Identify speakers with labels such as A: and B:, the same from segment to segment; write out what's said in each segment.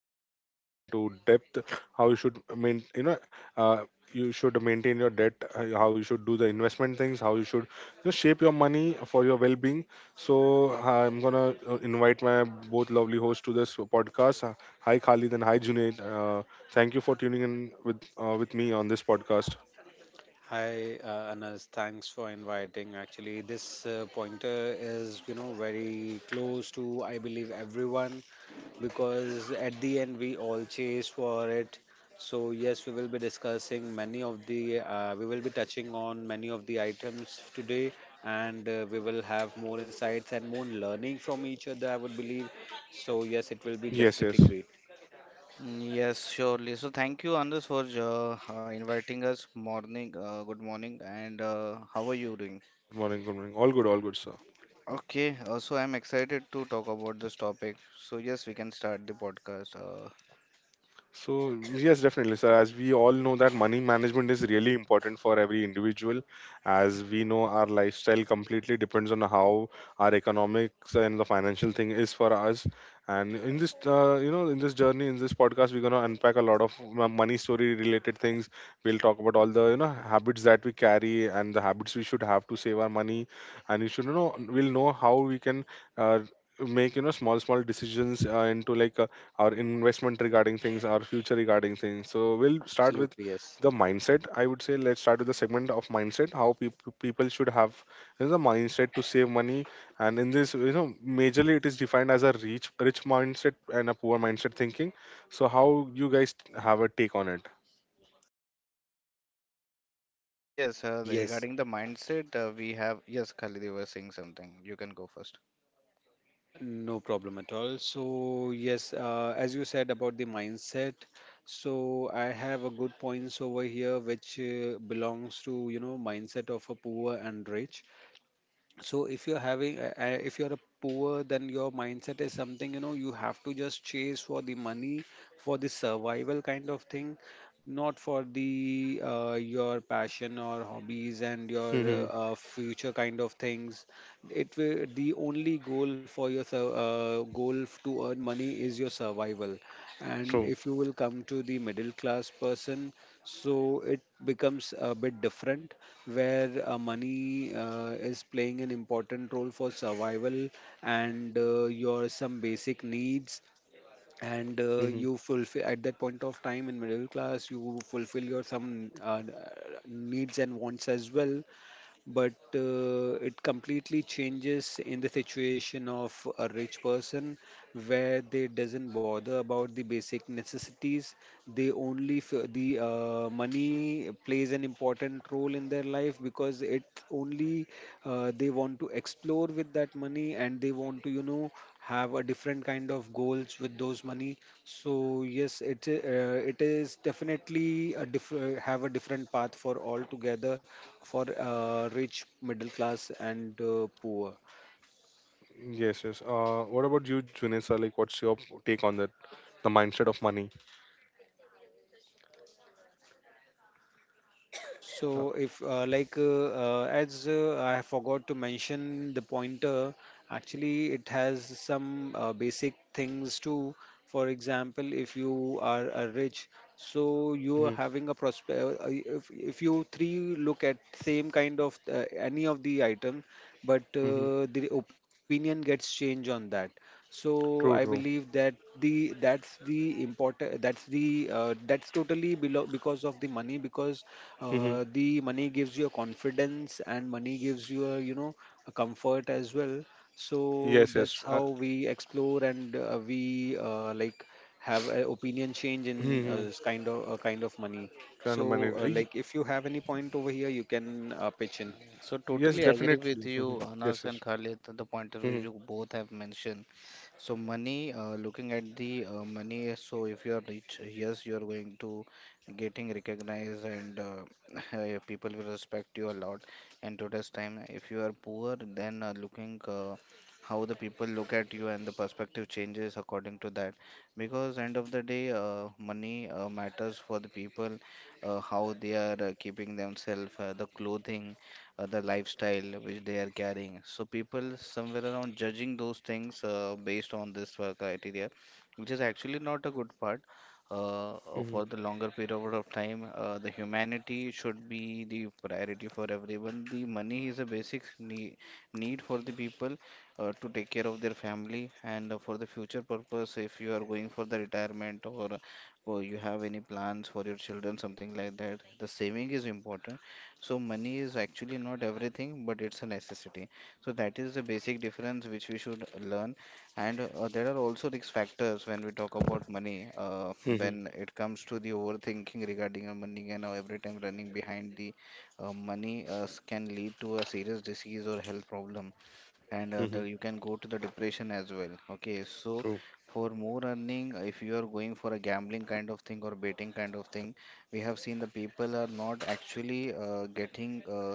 A: budgeting segment, into depth how you should uh, you should maintain your debt, how you should do the investment things, how you should just shape your money for your well-being. So I'm gonna invite my both lovely hosts to this podcast. Hi Khalid and hi Junaid. Thank you for tuning in with me on this podcast.
B: Hi, Anas. Thanks for inviting. Actually, this pointer is, very close to, I believe, everyone because at the end we all chase for it. So, yes, we will be discussing we will be touching on many of the items today, and we will have more insights and more learning from each other, I would believe. So, yes, it will be
A: Yes, yes.
B: definitely great.
C: Mm, yes, surely. So thank you, Anders, for inviting us. Morning, good morning, and how are you doing?
A: Good morning. Good morning. All good. All good, sir.
C: Okay, so I'm excited to talk about this topic. So yes, we can start the podcast.
A: So yes, definitely, sir. As we all know that money management is really important for every individual. As we know, our lifestyle completely depends on how our economics and the financial thing is for us. And in this, in this journey, in this podcast, we're gonna unpack a lot of money story related things. We'll talk about all the, you know, habits that we carry and the habits we should have to save our money. And you should know, we'll know how we can uh, make small small decisions into our investment regarding things, our future regarding things. So we'll start with
B: Absolutely, yes.
A: the mindset. I would say let's start with the segment of mindset. How people should have, you know, the mindset to save money, and in this, you know, majorly it is defined as a rich mindset and a poor mindset thinking. So how you guys have a take on it?
C: Yes,
B: Yes,
C: regarding the mindset, we have yes, Khalid, you were saying something. You can go first.
B: no problem at all. So, yes, as you said about the mindset, so I have a good points over here which belongs to, mindset of a poor and rich. So if you're a poor, then your mindset is something you have to just chase for the money for the survival kind of thing, not for the your passion or hobbies, and your
A: Hmm.
B: future kind of things. It will The only goal for your sur- goal f- to earn money is your survival. And
A: True.
B: if you will come to the middle class person, so it becomes a bit different, where money is playing an important role for survival, and your some basic needs. And
A: Hmm.
B: you fulfill at that point of time, in middle class you fulfill your some needs and wants as well. But it completely changes in the situation of a rich person, where they doesn't bother about the basic necessities. The money plays an important role in their life. Because it only They want to explore with that money, and they want to have a different kind of goals with those money. So, yes, it is definitely have a different path for all together, for rich, middle class, and poor.
A: Yes, yes. What about you, Junesa? Like, what's your take on that? The mindset of money. Uh,
B: So, if like as I forgot to mention the pointer. Actually, it has some basic things too. For example, if you are rich, so you are
A: hmm.
B: having a prosper. If you three look at same kind of any of the item, but
A: Hmm.
B: the opinion gets changed on that. So I
A: True, true.
B: believe that the that's the important that's the that's totally below because of the money. Because
A: Hmm.
B: the money gives you a confidence, and money gives you a you know a comfort as well. So
A: Yes,
B: that's
A: yes.
B: how we explore, and we like have an opinion change in
A: Hmm.
B: this kind of money.
A: Kind of money.
B: So,
A: Y-
B: like, if you have any point over here, you can pitch in.
C: So
A: Yes,
C: totally agree with
A: definitely. Mhm.
C: you,
A: Yes,
C: Anas and
A: yes.
C: Khalid, the pointer which
A: Mhm.
C: you both have mentioned. So money, looking at the money, so if you are rich, yes, you are going to getting recognized and people will respect you a lot. And today's time, if you are poor, then looking how the people look at you, and the perspective changes according to that. Because end of the day, money matters for the people, how they are keeping themselves, the clothing the lifestyle which they are carrying. So people somewhere around judging those things based on this criteria, which is actually not a good part.
A: Mhm.
C: For the longer period of time, the humanity should be the priority for everyone. The money is a basic need for the people to take care of their family and for the future purpose. If you are going for the retirement or you have any plans for your children, something like that, the saving is important. So money is actually not everything, but it's a necessity. So that is the basic difference which we should learn. And there are also risk factors when we talk about money,
A: Mhm.
C: when it comes to the overthinking regarding our money, and how every time running behind the money can lead to a serious disease or health problem. And
A: Mhm.
C: you can go to the depression as well. Okay, so
A: True.
C: for more earning, if you are going for a gambling kind of thing or betting kind of thing, we have seen the people are not actually getting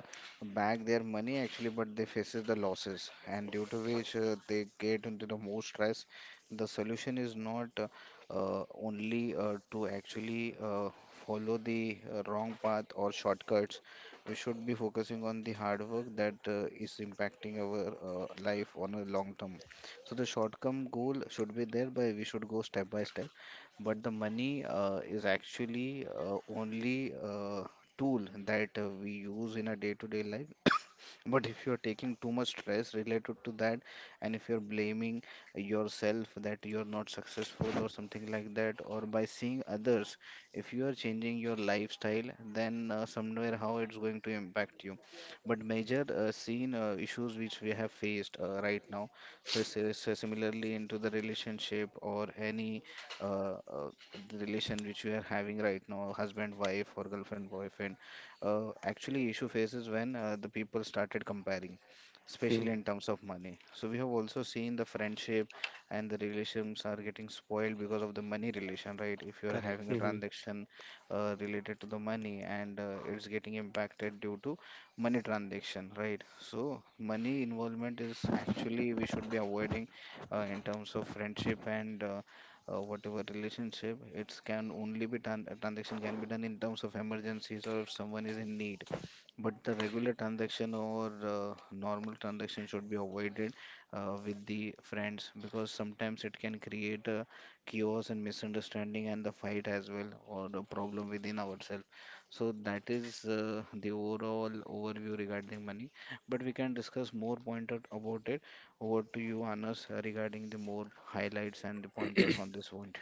C: back their money actually, but they faces the losses, and due to which they get into the more stress. The solution is not only to actually follow the wrong path or shortcuts. We should be focusing on the hard work that is impacting our life on a long term. So the short term goal should be there, by we should go step by step. But the money is actually only tool that we use in a day to day life. But if you're taking too much stress related to that, and if you're blaming yourself that you're not successful or something like that, or by seeing others, if you are changing your lifestyle, then somewhere how it's going to impact you. But major seen issues which we have faced right now. So similarly into the relationship or any uh, uh, the relation which you are having right now, husband wife or girlfriend boyfriend, actually issue faces when the people started comparing, especially
A: Mhm.
C: in terms of money. So we have also seen the friendship and the relations are getting spoiled because of the money relation, right? If you're having a
B: Correct.
A: Mhm.
C: transaction related to the money, and it's getting impacted due to money transaction, right? So money involvement is actually we should be avoiding in terms of friendship and whatever relationship. It's can only be done, a transaction can be done in terms of emergencies or if someone is in need. But the regular transaction or normal transaction should be avoided with the friends, because sometimes it can create a chaos and misunderstanding and the fight as well, or the problem within ourselves. So that is the overall overview regarding money, but we can discuss more pointed about it. Over to you, Anas, regarding the more highlights and the pointers on this one.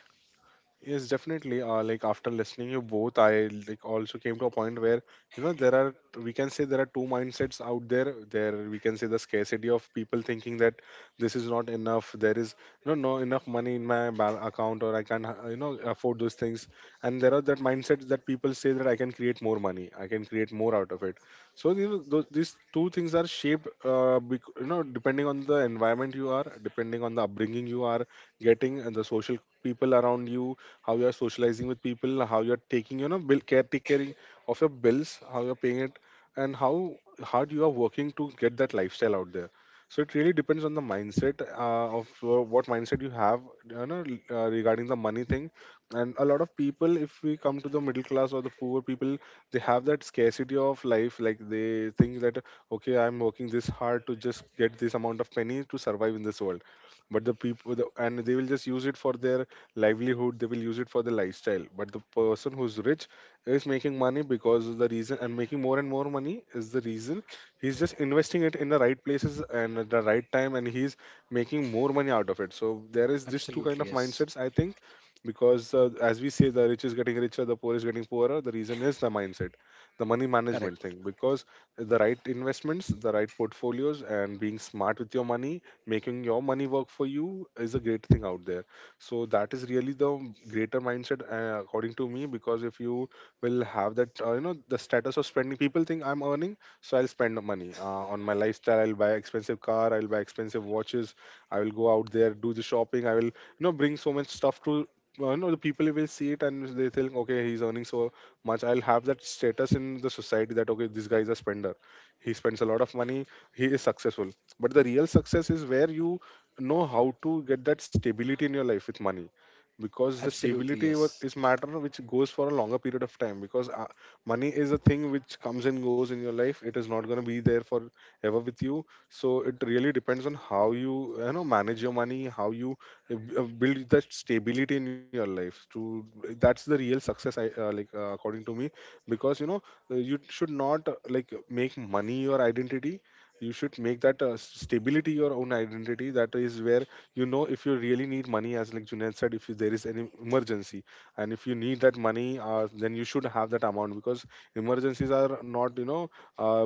A: Yes, definitely. Like after listening you both, I like also came to a point where, you know, there are, we can say there are two mindsets out there. There we can say the scarcity of people thinking that this is not enough. There is, you know, no enough money in my account, or I can't you know afford those things. And there are that mindsets that people say that I can create more money. I can create more out of it. So these two things are shaped you know, depending on the environment you are, depending on the upbringing you are getting, and the social people around you, how you are socializing with people, how you are taking you know bill care taking of your bills, how you are paying it, and how hard you are working to get that lifestyle out there. So it really depends on the mindset of what mindset you have, you know, regarding the money thing. And a lot of people, if we come to the middle class or the poor people, they have that scarcity of life. Like they think that okay, I'm working this hard to just get this amount of penny to survive in this world. But and they will just use it for their livelihood, they will use it for their lifestyle, but the person who's rich is making money, because of the reason and making more and more money is the reason, he's just investing it in the right places and at the right time, and he's making more money out of it. So there is this two kind
B: Absolutely,
A: of
B: yes.
A: mindsets I think, because as we say, the rich is getting richer, the poor is getting poorer. The reason is the mindset, the money management
B: Correct.
A: thing, because the right investments, the right portfolios, and being smart with your money, making your money work for you, is a great thing out there. So that is really the greater mindset according to me, because if you will have that you know, the status of spending, people think I'm earning so I'll spend the money on my lifestyle, I'll buy expensive car, I'll buy expensive watches, I will go out there do the shopping, I will, you know, bring so much stuff to you know, the people will see it and they think okay, he's earning so much, I'll have that status in the society that okay this guy is a spender, he spends a lot of money, he is successful. But the real success is where you know how to get that stability in your life with money, because the
B: Absolutely, yes.
A: is matter which goes for a longer period of time, because money is a thing which comes and goes in your life, it is not going to be there for ever with you. So it really depends on how you, you know, manage your money, how you build that stability in your life to, that's the real success, I like according to me, because you know, you should not like make money your identity, you should make that stability your own identity. That is where, you know, if you really need money, as like Junaid said, if there is any emergency, and if you need that money, then you should have that amount, because emergencies are not, you know, uh,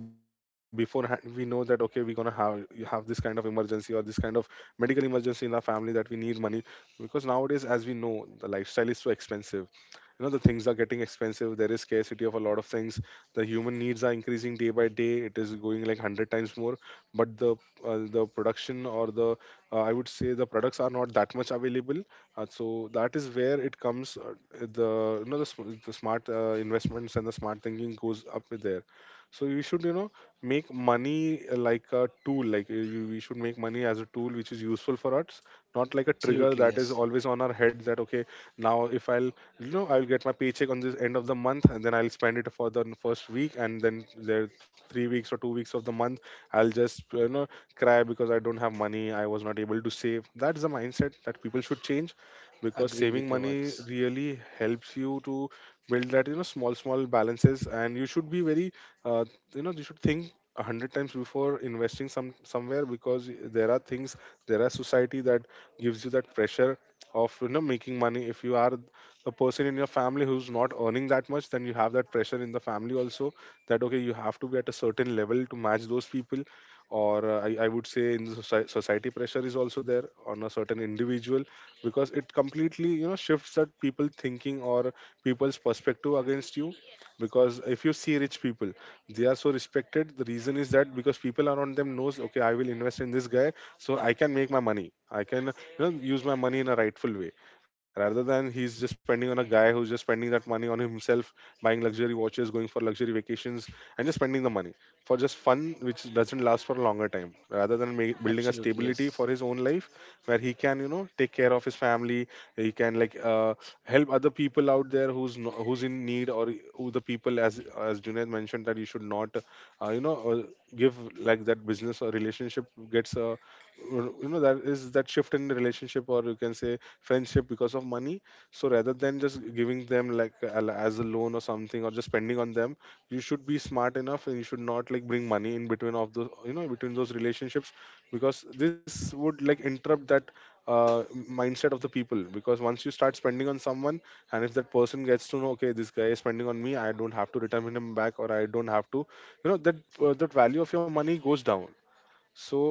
A: beforehand we know that okay we're gonna have, you have this kind of emergency, or this kind of medical emergency in our family, that we need money. Because nowadays, as we know, the lifestyle is so expensive, you know, the things are getting expensive, there is scarcity of a lot of things, the human needs are increasing day by day, it is going like 100 times more, but the production, or the I would say the products are not that much available, so that is where it comes the, you know, the smart investments and the smart thinking goes up with there. So you should, you know, make money like a tool, like we should make money as a tool which is useful for us, not like a trigger
B: Absolutely,
A: that is
B: yes.
A: always on our head, that okay, now if I'll, you know, I'll get my paycheck on this end of the month, and then I'll spend it for the first week, and then there 3 weeks or 2 weeks of the month, I'll just you know, cry because I don't have money, I was not able to save. That's the mindset that people should change, because
B: Agree
A: saving
B: with your
A: money
B: words.
A: really helps you to build that, you know, small small balances, and you should be very, uh, you know, you should think 100 times before investing somewhere, because there are things, there are society that gives you that pressure of, you know, making money. If you are a person in your family who's not earning that much, then you have that pressure in the family also, that okay you have to be at a certain level to match those people, or I would say in the society pressure is also there on a certain individual, because it completely, you know, shifts that people thinking or people's perspective against you. Because if you see rich people, they are so respected. The reason is that because people around them knows okay I will invest in this guy, so I can make my money, I can, you know, use my money in a rightful way, rather than he's just spending on a guy who's just spending that money on himself, buying luxury watches, going for luxury vacations, and just spending the money for just fun, which doesn't last for a longer time, rather than building a
B: Absolutely,
A: stability
B: yes.
A: for his own life, where he can, you know, take care of his family, he can like help other people out there who's no, who's in need, or who, the people, as Junaid mentioned, that you should not uh, you know uh, give like that business or relationship gets you know that is that shift in the relationship, or you can say friendship, because of money. So rather than just giving them like as a loan or something, or just spending on them, you should be smart enough, and you should not like bring money in between of those, you know, between those relationships, because this would like interrupt that mindset of the people, because once you start spending on someone and if that person gets to know, okay, this guy is spending on me, I don't have to return him back, or I don't have to you know that that value of your money goes down. So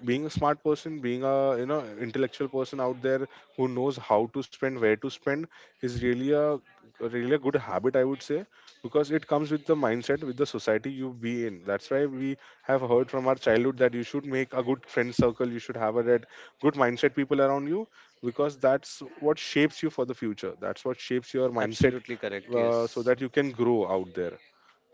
A: being a smart person, being a intellectual person out there who knows how to spend, where to spend, is really a good habit, I would say. Because it comes with the mindset, with the society you be in. That's why we have heard from our childhood that you should make a good friend circle, you should have a that good mindset people around you, because that's what shapes you for the future, that's what shapes your mindset.
B: Absolutely correct,
A: So
B: yes.
A: that you can grow out there.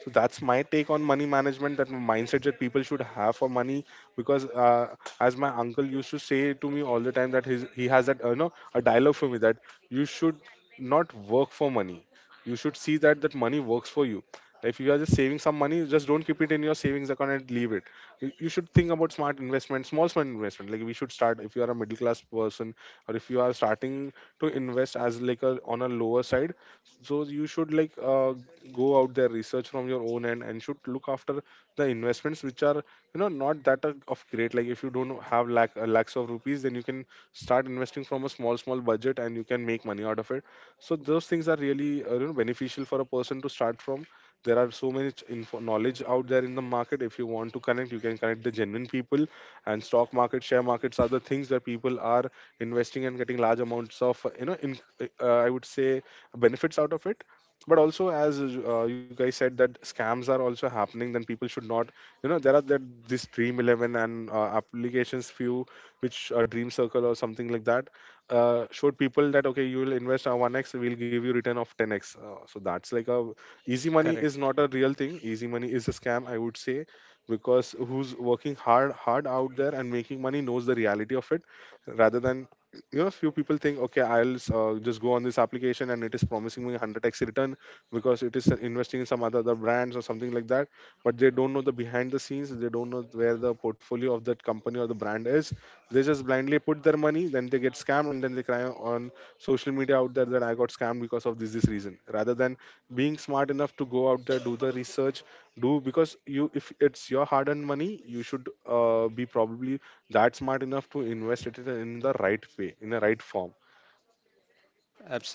A: So that's my take on money management, that mindset that people should have for money. Because as my uncle used to say to me all the time, that his, he has that a dialogue for me, that you should not work for money. You should see that money works for you. If you are just saving some money, just don't keep it in your savings account and leave it. You should think about smart investment, small smart investment. Like, we should start if you are a middle class person or if you are starting to invest as like a on a lower side, so you should like go out there, research from your own end, and should look after the investments which are not that are of great, like if you don't have lakhs of rupees, then you can start investing from a small small budget and you can make money out of it. So those things are really beneficial for a person to start from. There are so much info knowledge out there in the market. If you want to connect, you can connect the genuine people. And stock market, share markets are the things where people are investing and getting large amounts of I would say benefits out of it. But also, as you guys said, that scams are also happening, then people should not there are that this dream 11 and applications few which dream circle or something like that showed people that okay you will invest on 1x, we'll give you return of 10x, so that's like a easy money is
B: Correct.
A: not a real thing. Easy money is a scam, I would say. Because who's working hard hard out there and making money knows the reality of it, rather than few people think, okay, I'll just go on this application and it is promising me 100x return because it is investing in other brands or something like that. But they don't know the behind the scenes, they don't know where the portfolio of that company or the brand is. They just blindly put their money, then they get scammed, and then they cry on social media out there that I got scammed because of this reason, rather than being smart enough to go out there, do the research, do because you, if it's your hard earned money, you should be probably that's smart enough to invest it in the right way, in the right form.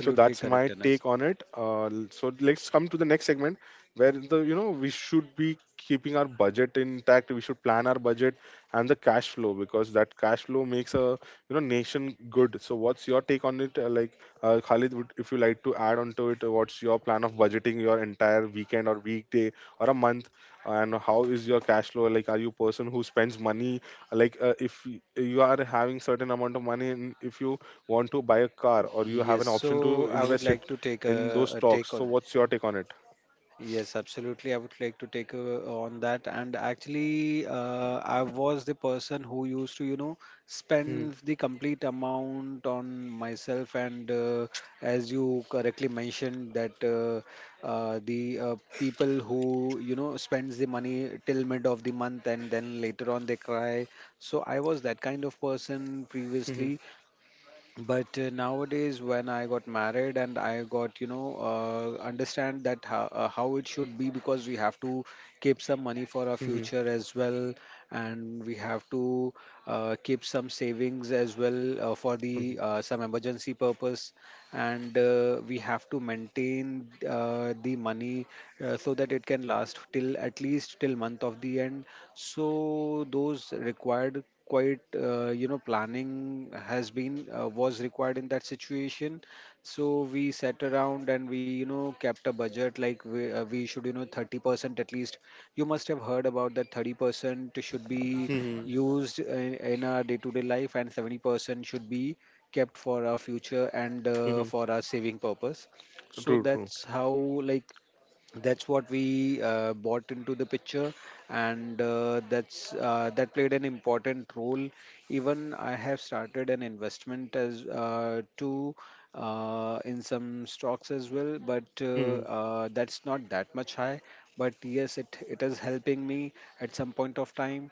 A: So that's my
B: correct, Anas.
A: take on it. So let's come to the next segment where the you know we should be keeping our budget intact, we should plan our budget and the cash flow, because that cash flow makes a nation good. So what's your take on it, like, Khalid, would, if you like to add on to it, what's your plan of budgeting your entire weekend or weekday or a month, and how is your cash flow? Like, are you a person who spends money like if you are having certain amount of money and if you want to buy a car or you have
B: Yes,
A: an option
B: so
A: to
B: I would
A: invest
B: like
A: it
B: to take
A: in
B: a,
A: those
B: a
A: stocks,
B: take
A: so
B: on.
A: what's your take on it?
B: Yes, absolutely. I would like to take on that. And actually, I was the person who used to, you know,
A: Mhm.
B: spend the complete amount on myself. And as you correctly mentioned, that the people who spends the money till mid of the month and then later on they cry. So I was that kind of person
A: Mhm.
B: previously, but nowadays when I got married and I got understand that how it should be, because we have to keep some money for our
A: Mhm.
B: future as well, and we have to keep some savings as well for
A: Mhm.
B: the some emergency purpose, and we have to maintain the money so that it can last till at least till month of the end. So those required quite planning has been was required in that situation. So we sat around and we kept a budget, like we should 30% at least. You must have heard about that 30% should be
A: Mhm.
B: used in our day to day life, and 70% should be kept for our future and
A: Mhm.
B: for our saving purpose. So
A: True, true.
B: that's how like that's what we bought into the picture. And that played an important role. Even I have started an investment as too, in some stocks as well, but
A: Mhm.
B: that's not that much high, but yes, it is helping me at some point of time.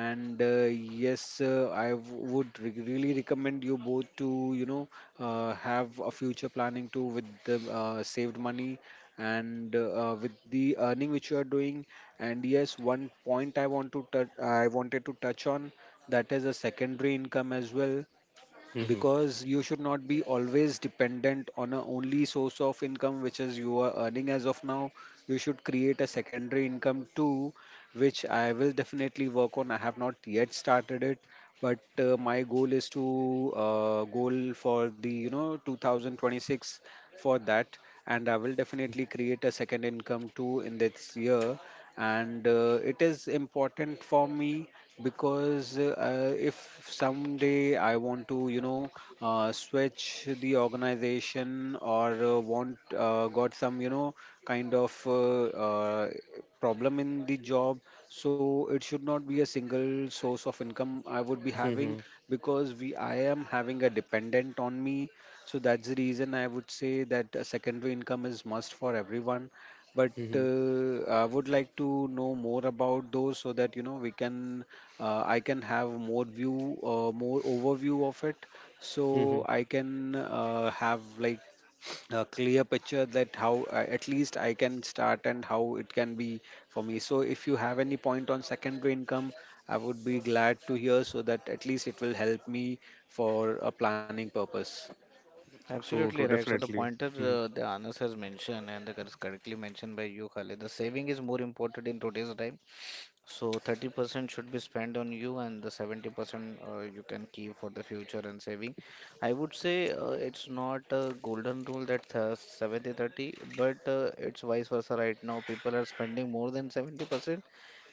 B: And yes, I would really recommend you both to have a future planning too with the saved money, and with the earning which you are doing. And yes, one point I wanted to touch on, that is a secondary income as well.
A: Mhm.
B: Because you should not be always dependent on a only source of income which is you are earning as of now. You should create a secondary income too, which I will definitely work on. I have not yet started it, but my goal is to goal for the 2026, for that, and I will definitely create a second income too in this year. And it is important for me, because if someday I want to, switch the organization, or want got some, kind of problem in the job, so it should not be a single source of income I would be
A: Mhm.
B: having, because we I am having a dependent on me. So that's the reason I would say that a secondary income is must for everyone, but
A: Mhm.
B: I would like to know more about those, so that we can I can have more overview of it.
A: Mhm.
B: So I can have like a clear picture that how at least I can start, and how it can be for me. So if you have any point on secondary income, I would be glad to hear, so that at least it will help me for a planning purpose.
A: True, true.
C: Absolutely right. So the
A: Definitely.
C: pointer
A: Mhm.
C: the Anas has mentioned, and the correctly mentioned by you, Khalid, the saving is more important in today's time. So 30% should be spent on you, and the 70% you can keep for the future and saving. I would say it's not a golden rule that 70-30, but it's vice versa right now. People are spending more than 70%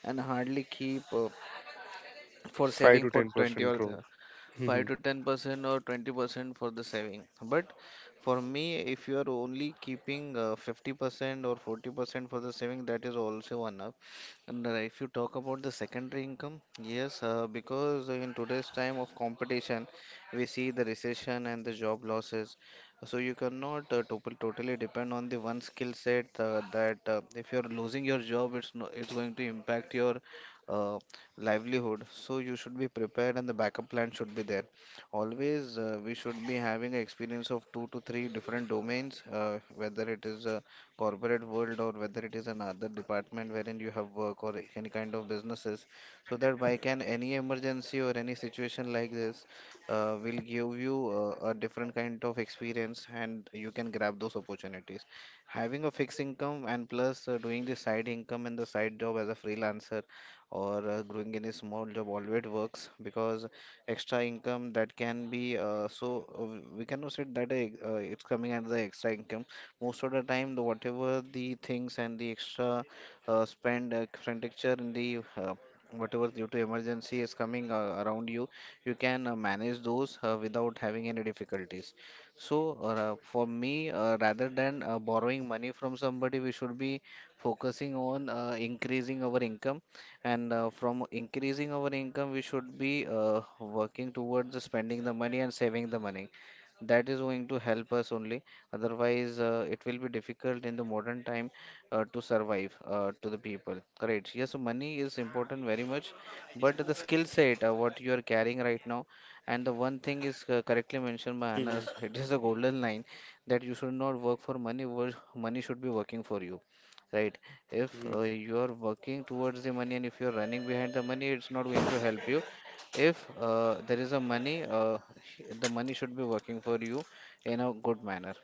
C: and hardly keep for
A: five
C: saving
A: to
C: for
A: ten
C: 20
A: percent.
C: or
A: True.
C: 5
A: Mhm.
C: to 10% or 20% for the saving. But for me, if you are only keeping 50% or 40% for the saving, that is also enough. And if you talk about the secondary income, yes, because in today's time of competition, we see the recession and the job losses. So you cannot totally depend on the one skill set that if you're losing your job, it's no, it's going to impact your uh, livelihood. So you should be prepared, and the backup plan should be there. Always, we should be having an experience of two to three different domains, whether it is a corporate world or whether it is another department wherein you have work or any kind of businesses, so that by can any emergency or any situation like this will give you a different kind of experience, and you can grab those opportunities. Having a fixed income and plus doing the side income and the side job as a freelancer, or growing in a small job always works, because extra income that can be we cannot say that it's coming as the extra income. Most of the time the whatever the things and the extra spend expenditure in the whatever due to emergency is coming around you. You can manage those without having any difficulties. So for me, rather than borrowing money from somebody, we should be focusing on increasing our income. And from increasing our income, we should be working towards the spending the money and saving the money. That is going to help us only. Otherwise it will be difficult in the modern time to survive to the people. Correct, yes, money is important very much, but the skill set what you are carrying right now. And the one thing is correctly mentioned by
A: Mhm.
C: Anas, it is a golden line that you should not work for money, money should be working for you, right? If
A: Mhm.
C: you are working towards the money, and if you're running behind the money, it's not going to help you. If there is a money, the money should be working for you in a good manner.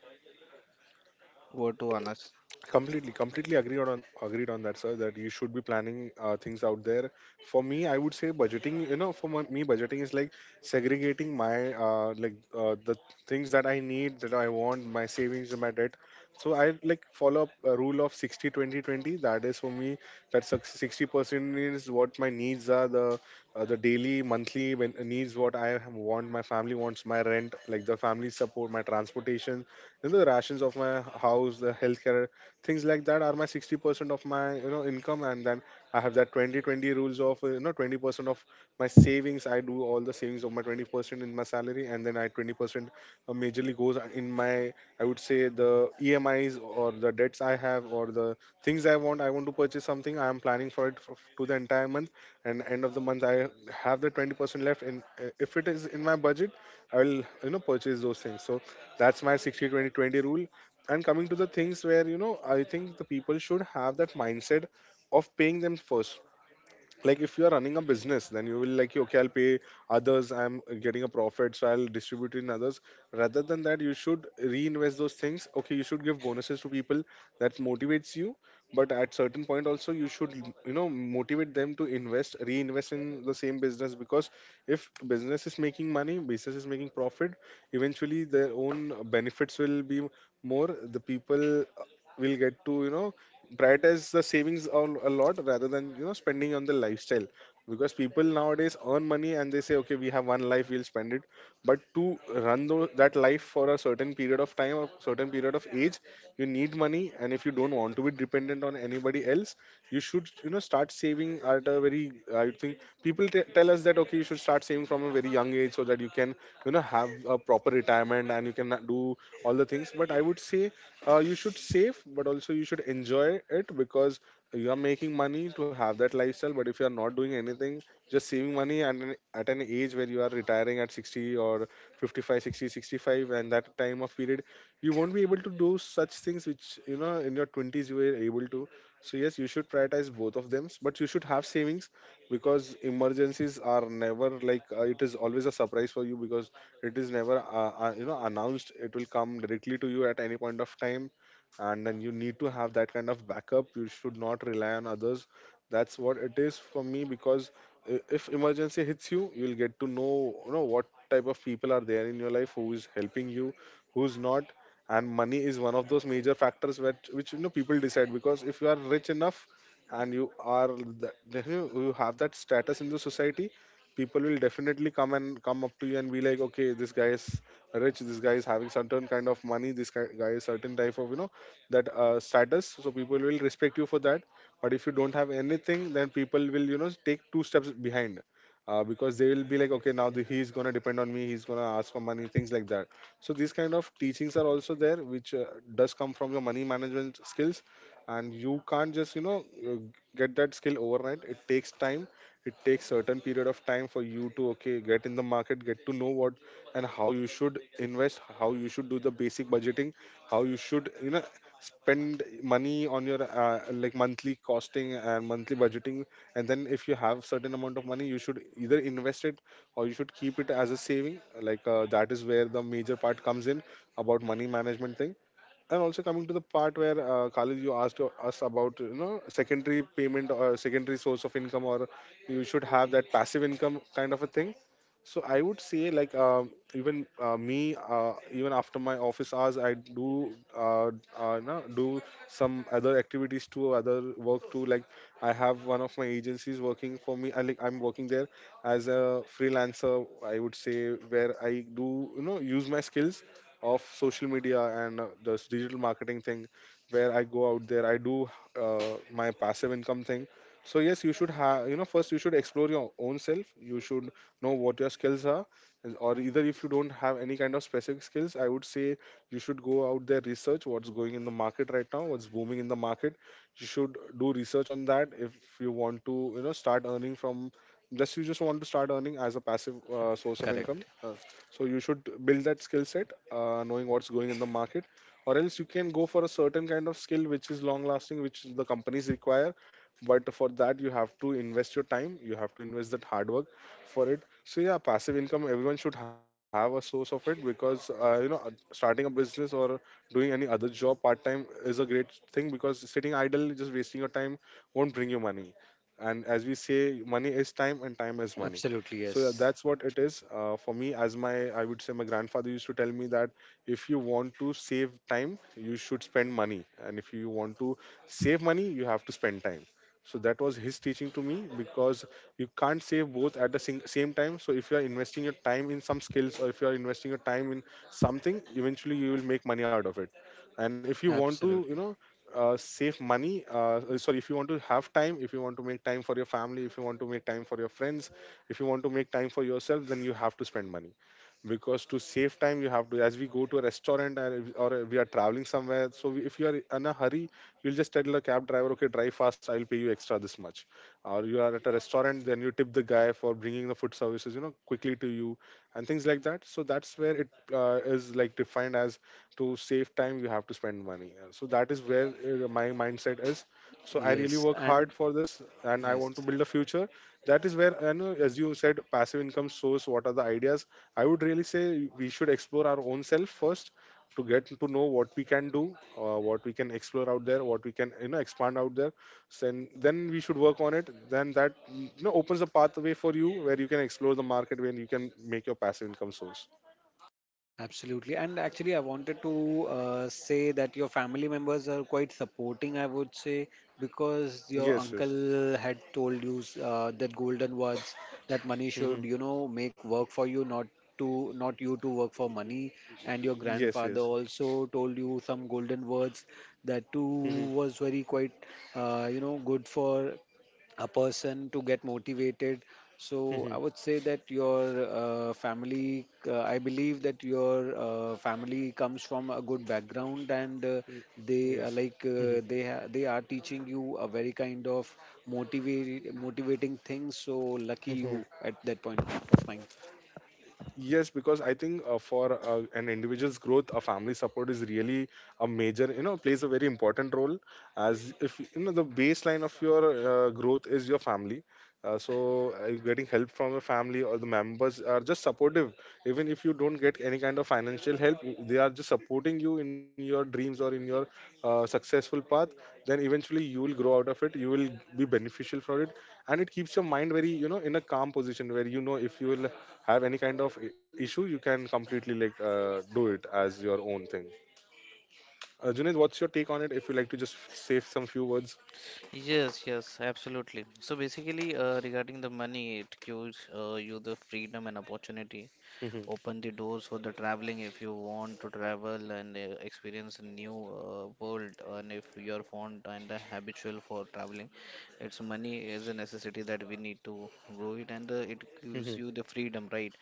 C: What to honest.
A: Completely agreed on that, sir, that you should be planning things out there. For me, I would say budgeting, you know, for my, me budgeting is like segregating my like the things that I need, that I want, my savings and my debt. So I like follow up a rule of 60 20 20, that is for me. That's 60% is what my needs are, the daily monthly needs, what I want, my family wants, my rent, like the family support, my transportation, you know, the rations of my house, the healthcare, things like that are my 60% of my you know income. And then I have that 20 20 rules of you know 20% of my savings. I do all the savings of my 20% in my salary, and then I 20% majorly goes in my I would say the EMIs or the debts I have, or the things I want. I want to purchase something, I am planning for it for, to the entire month, and end of the month I have the 20% left. And if it is in my budget, I will you know purchase those things. So that's my 60 20 20 rule. And coming to the things where you know I think the people should have that mindset of paying them first. Like, if you are running a business, then you will like, okay, I'll pay others, I'm getting a profit so I'll distribute in others. Rather than that, you should reinvest those things. Okay, you should give bonuses to people, that motivates you, but at certain point also you should you know motivate them to invest, reinvest in the same business. Because if business is making money, business is making profit, eventually their own benefits will be more. The people will get to you know prioritize the savings a lot rather than you know spending on the lifestyle. Because people nowadays earn money and they say, okay, we have one life, we'll spend it. But to that life for a certain period of time or certain period of age, you need money. And if you don't want to be dependent on anybody else, you should you know start saving at a very, I think people tell us that, okay, you should start saving from a very young age so that you can you know have a proper retirement and you can do all the things. But I would say you should save but also you should enjoy it, because you are making money to have that lifestyle. But if you are not doing anything, just saving money, and at an age where you are retiring at 60 or 55 60 65, and that time of period you won't be able to do such things which you know in your 20s you were able to. So yes, you should prioritize both of them, but you should have savings, because emergencies are never like, it is always a surprise for you. Because it is never you know announced, it will come directly to you at any point of time, and then you need to have that kind of backup. You should not rely on others. That's what it is for me, because if emergency hits you, you'll get to know, you know what type of people are there in your life, who is helping you, who's not. And money is one of those major factors which you know people decide. Because if you are rich enough and you are the, you have that status in the society, people will definitely come and come up to you and be like, okay, this guy is rich, this guy is having certain kind of money, guy is certain type of you know that status, so people will respect you for that. But if you don't have anything, then people will you know take two steps behind, because they will be like, okay now the, he's gonna depend on me, he's gonna ask for money, things like that. So these kind of teachings are also there which does come from your money management skills. And you can't just you know get that skill overnight, it takes time. It takes certain period of time for you to, okay, get in the market, get to know what and how you should invest, how you should do the basic budgeting, how you should you know spend money on your Like monthly costing and monthly budgeting. And then if you have certain amount of money, you should either invest it, or you should keep it as a saving. That is where the major part comes in about money management thing. And also, coming to the part where Khalid, you asked to us about you know secondary payment or secondary source of income, or you should have that passive income kind of a thing. So I would say even, me, even after my office hours, I do you know, do some other activities too, other work too. Like I have one of my agencies working for me. I'm working there as a freelancer. I would say, where I do you know use my skills of social media and this digital marketing thing, where I go out there, I do uh, my passive income thing. So yes, you should have, you know, first you should explore your own self. You should know what your skills are. Or either if you don't have any kind of specific skills, I would say you should go out there, research what's going in the market right now, what's booming in the market. You should do research on that. If you want to you know start earning from, just want to start earning as a passive source of
B: Correct.
A: income. So you should build that skill set, knowing what's going in the market, or else you can go for a certain kind of skill which is long lasting, which the companies require. But for that, you have to invest your time, you have to invest that hard work for it. So yeah, passive income, everyone should have a source of it, because starting a business or doing any other job part time is a great thing, because sitting idle just wasting your time won't bring you money. And as we say, money is time and time is money.
B: Absolutely.
A: So yeah,
B: Yes.
A: that's what it is for me. As my, I would say, my grandfather used to tell me that if you want to save time, you should spend money, and if you want to save money, you have to spend time. So that was his teaching to me, because you can't save both at the same time. So if you are investing your time in some skills, or if you are investing your time in something, eventually you will make money out of it. And if you want to you know
B: Absolutely.
A: save money, sorry, if you want to have time, if you want to make time for your family, if you want to make time for your friends, if you want to make time for yourself, then you have to spend money. Because to save time, you have to, as we go to a restaurant, or we are traveling somewhere, so if you are in a hurry, you'll just tell the cab driver, okay, drive fast, I'll pay you extra this much. Or you are at a restaurant, then you tip the guy for bringing the food services, you know, quickly to you, and things like that. So that's where it is like defined as, to save time you have to spend money. So that is where my mindset is. So I really
B: Yes.
A: work hard
B: And
A: for this, and I
B: yes.
A: want to build a future. That is where I know, as you said, passive income source, what are the ideas. I would really say we should explore our own self first, to get to know what we can do, what we can explore out there, what we can you know expand out there. So, and then we should work on it. Then that you know opens a pathway for you where you can explore the market, when you can make your passive income source.
B: Absolutely. And actually, I wanted to say that your family members are quite supporting, I would say, because your
A: Yes, yes.
B: uncle had told you that golden words, that money should,
A: Hmm.
B: make work for you, not to not you to work for money. And your
A: Yes, yes.
B: grandfather also told you some golden words, that too
A: Hmm.
B: was very quite good for a person to get motivated. So
A: Hmm.
B: I would say that your family I believe that your family comes from a good background, and they are
A: Yes.
B: teaching you a very kind of motivate motivating things. So lucky
A: Mhm.
B: you at that point of time.
A: Yes, because I think for an individual's growth, a family support is really a major, you know, plays a very important role. As if you know, the baseline of your growth is your family. So getting help from your family, or the members are just supportive. Even if you don't get any kind of financial help, they are just supporting you in your dreams or in your successful path. Then eventually you will grow out of it. You will be beneficial for it, and it keeps your mind very, you know, in a calm position, where you know if you will have any kind of issue, you can completely do it as your own thing. Junaid, what's your take on it? If you like to just say some few words.
C: Yes, yes, absolutely. So basically, regarding the money, it gives you the freedom and opportunity,
A: Mhm.
C: open the doors for the traveling if you want to travel and experience a new world, and if you are fond and habitual for traveling, it's money is a necessity that we need to grow it, and it gives
A: Mhm.
C: you the freedom, right,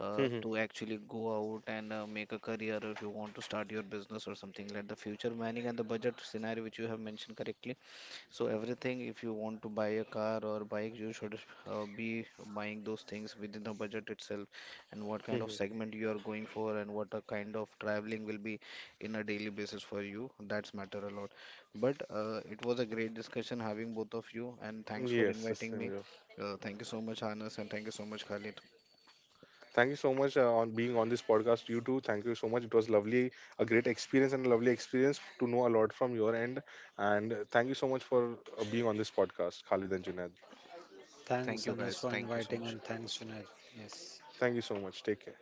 A: Mhm.
C: to actually go out and make a career if you want to start your business or something, like the future planning and the budget scenario which you have mentioned correctly. So everything, if you want to buy a car or bike, you should be buying those things within the budget itself, and what kind of
A: Mhm.
C: segment you are going for, and what a kind of traveling will be in a daily basis for you. That's matter a lot. But it was a great discussion having both of you, and thanks for
A: Yes, the
C: inviting
A: same
C: me.
A: here.
C: Thank you so much, Anas, and thank you so much, Khalid.
A: Thank you so much on being on this podcast. You too. Thank you so much. It was lovely, a great experience and a lovely experience to know a lot from your end. And thank you so much for being on this podcast, Khalid and Junaid.
C: Thank
B: Thanks,
C: you
B: Anas,
C: guys.
B: for
C: Thank you so
B: inviting,
C: much.
B: and thanks, Junaid. Yes.
A: Thank you so much. Take care.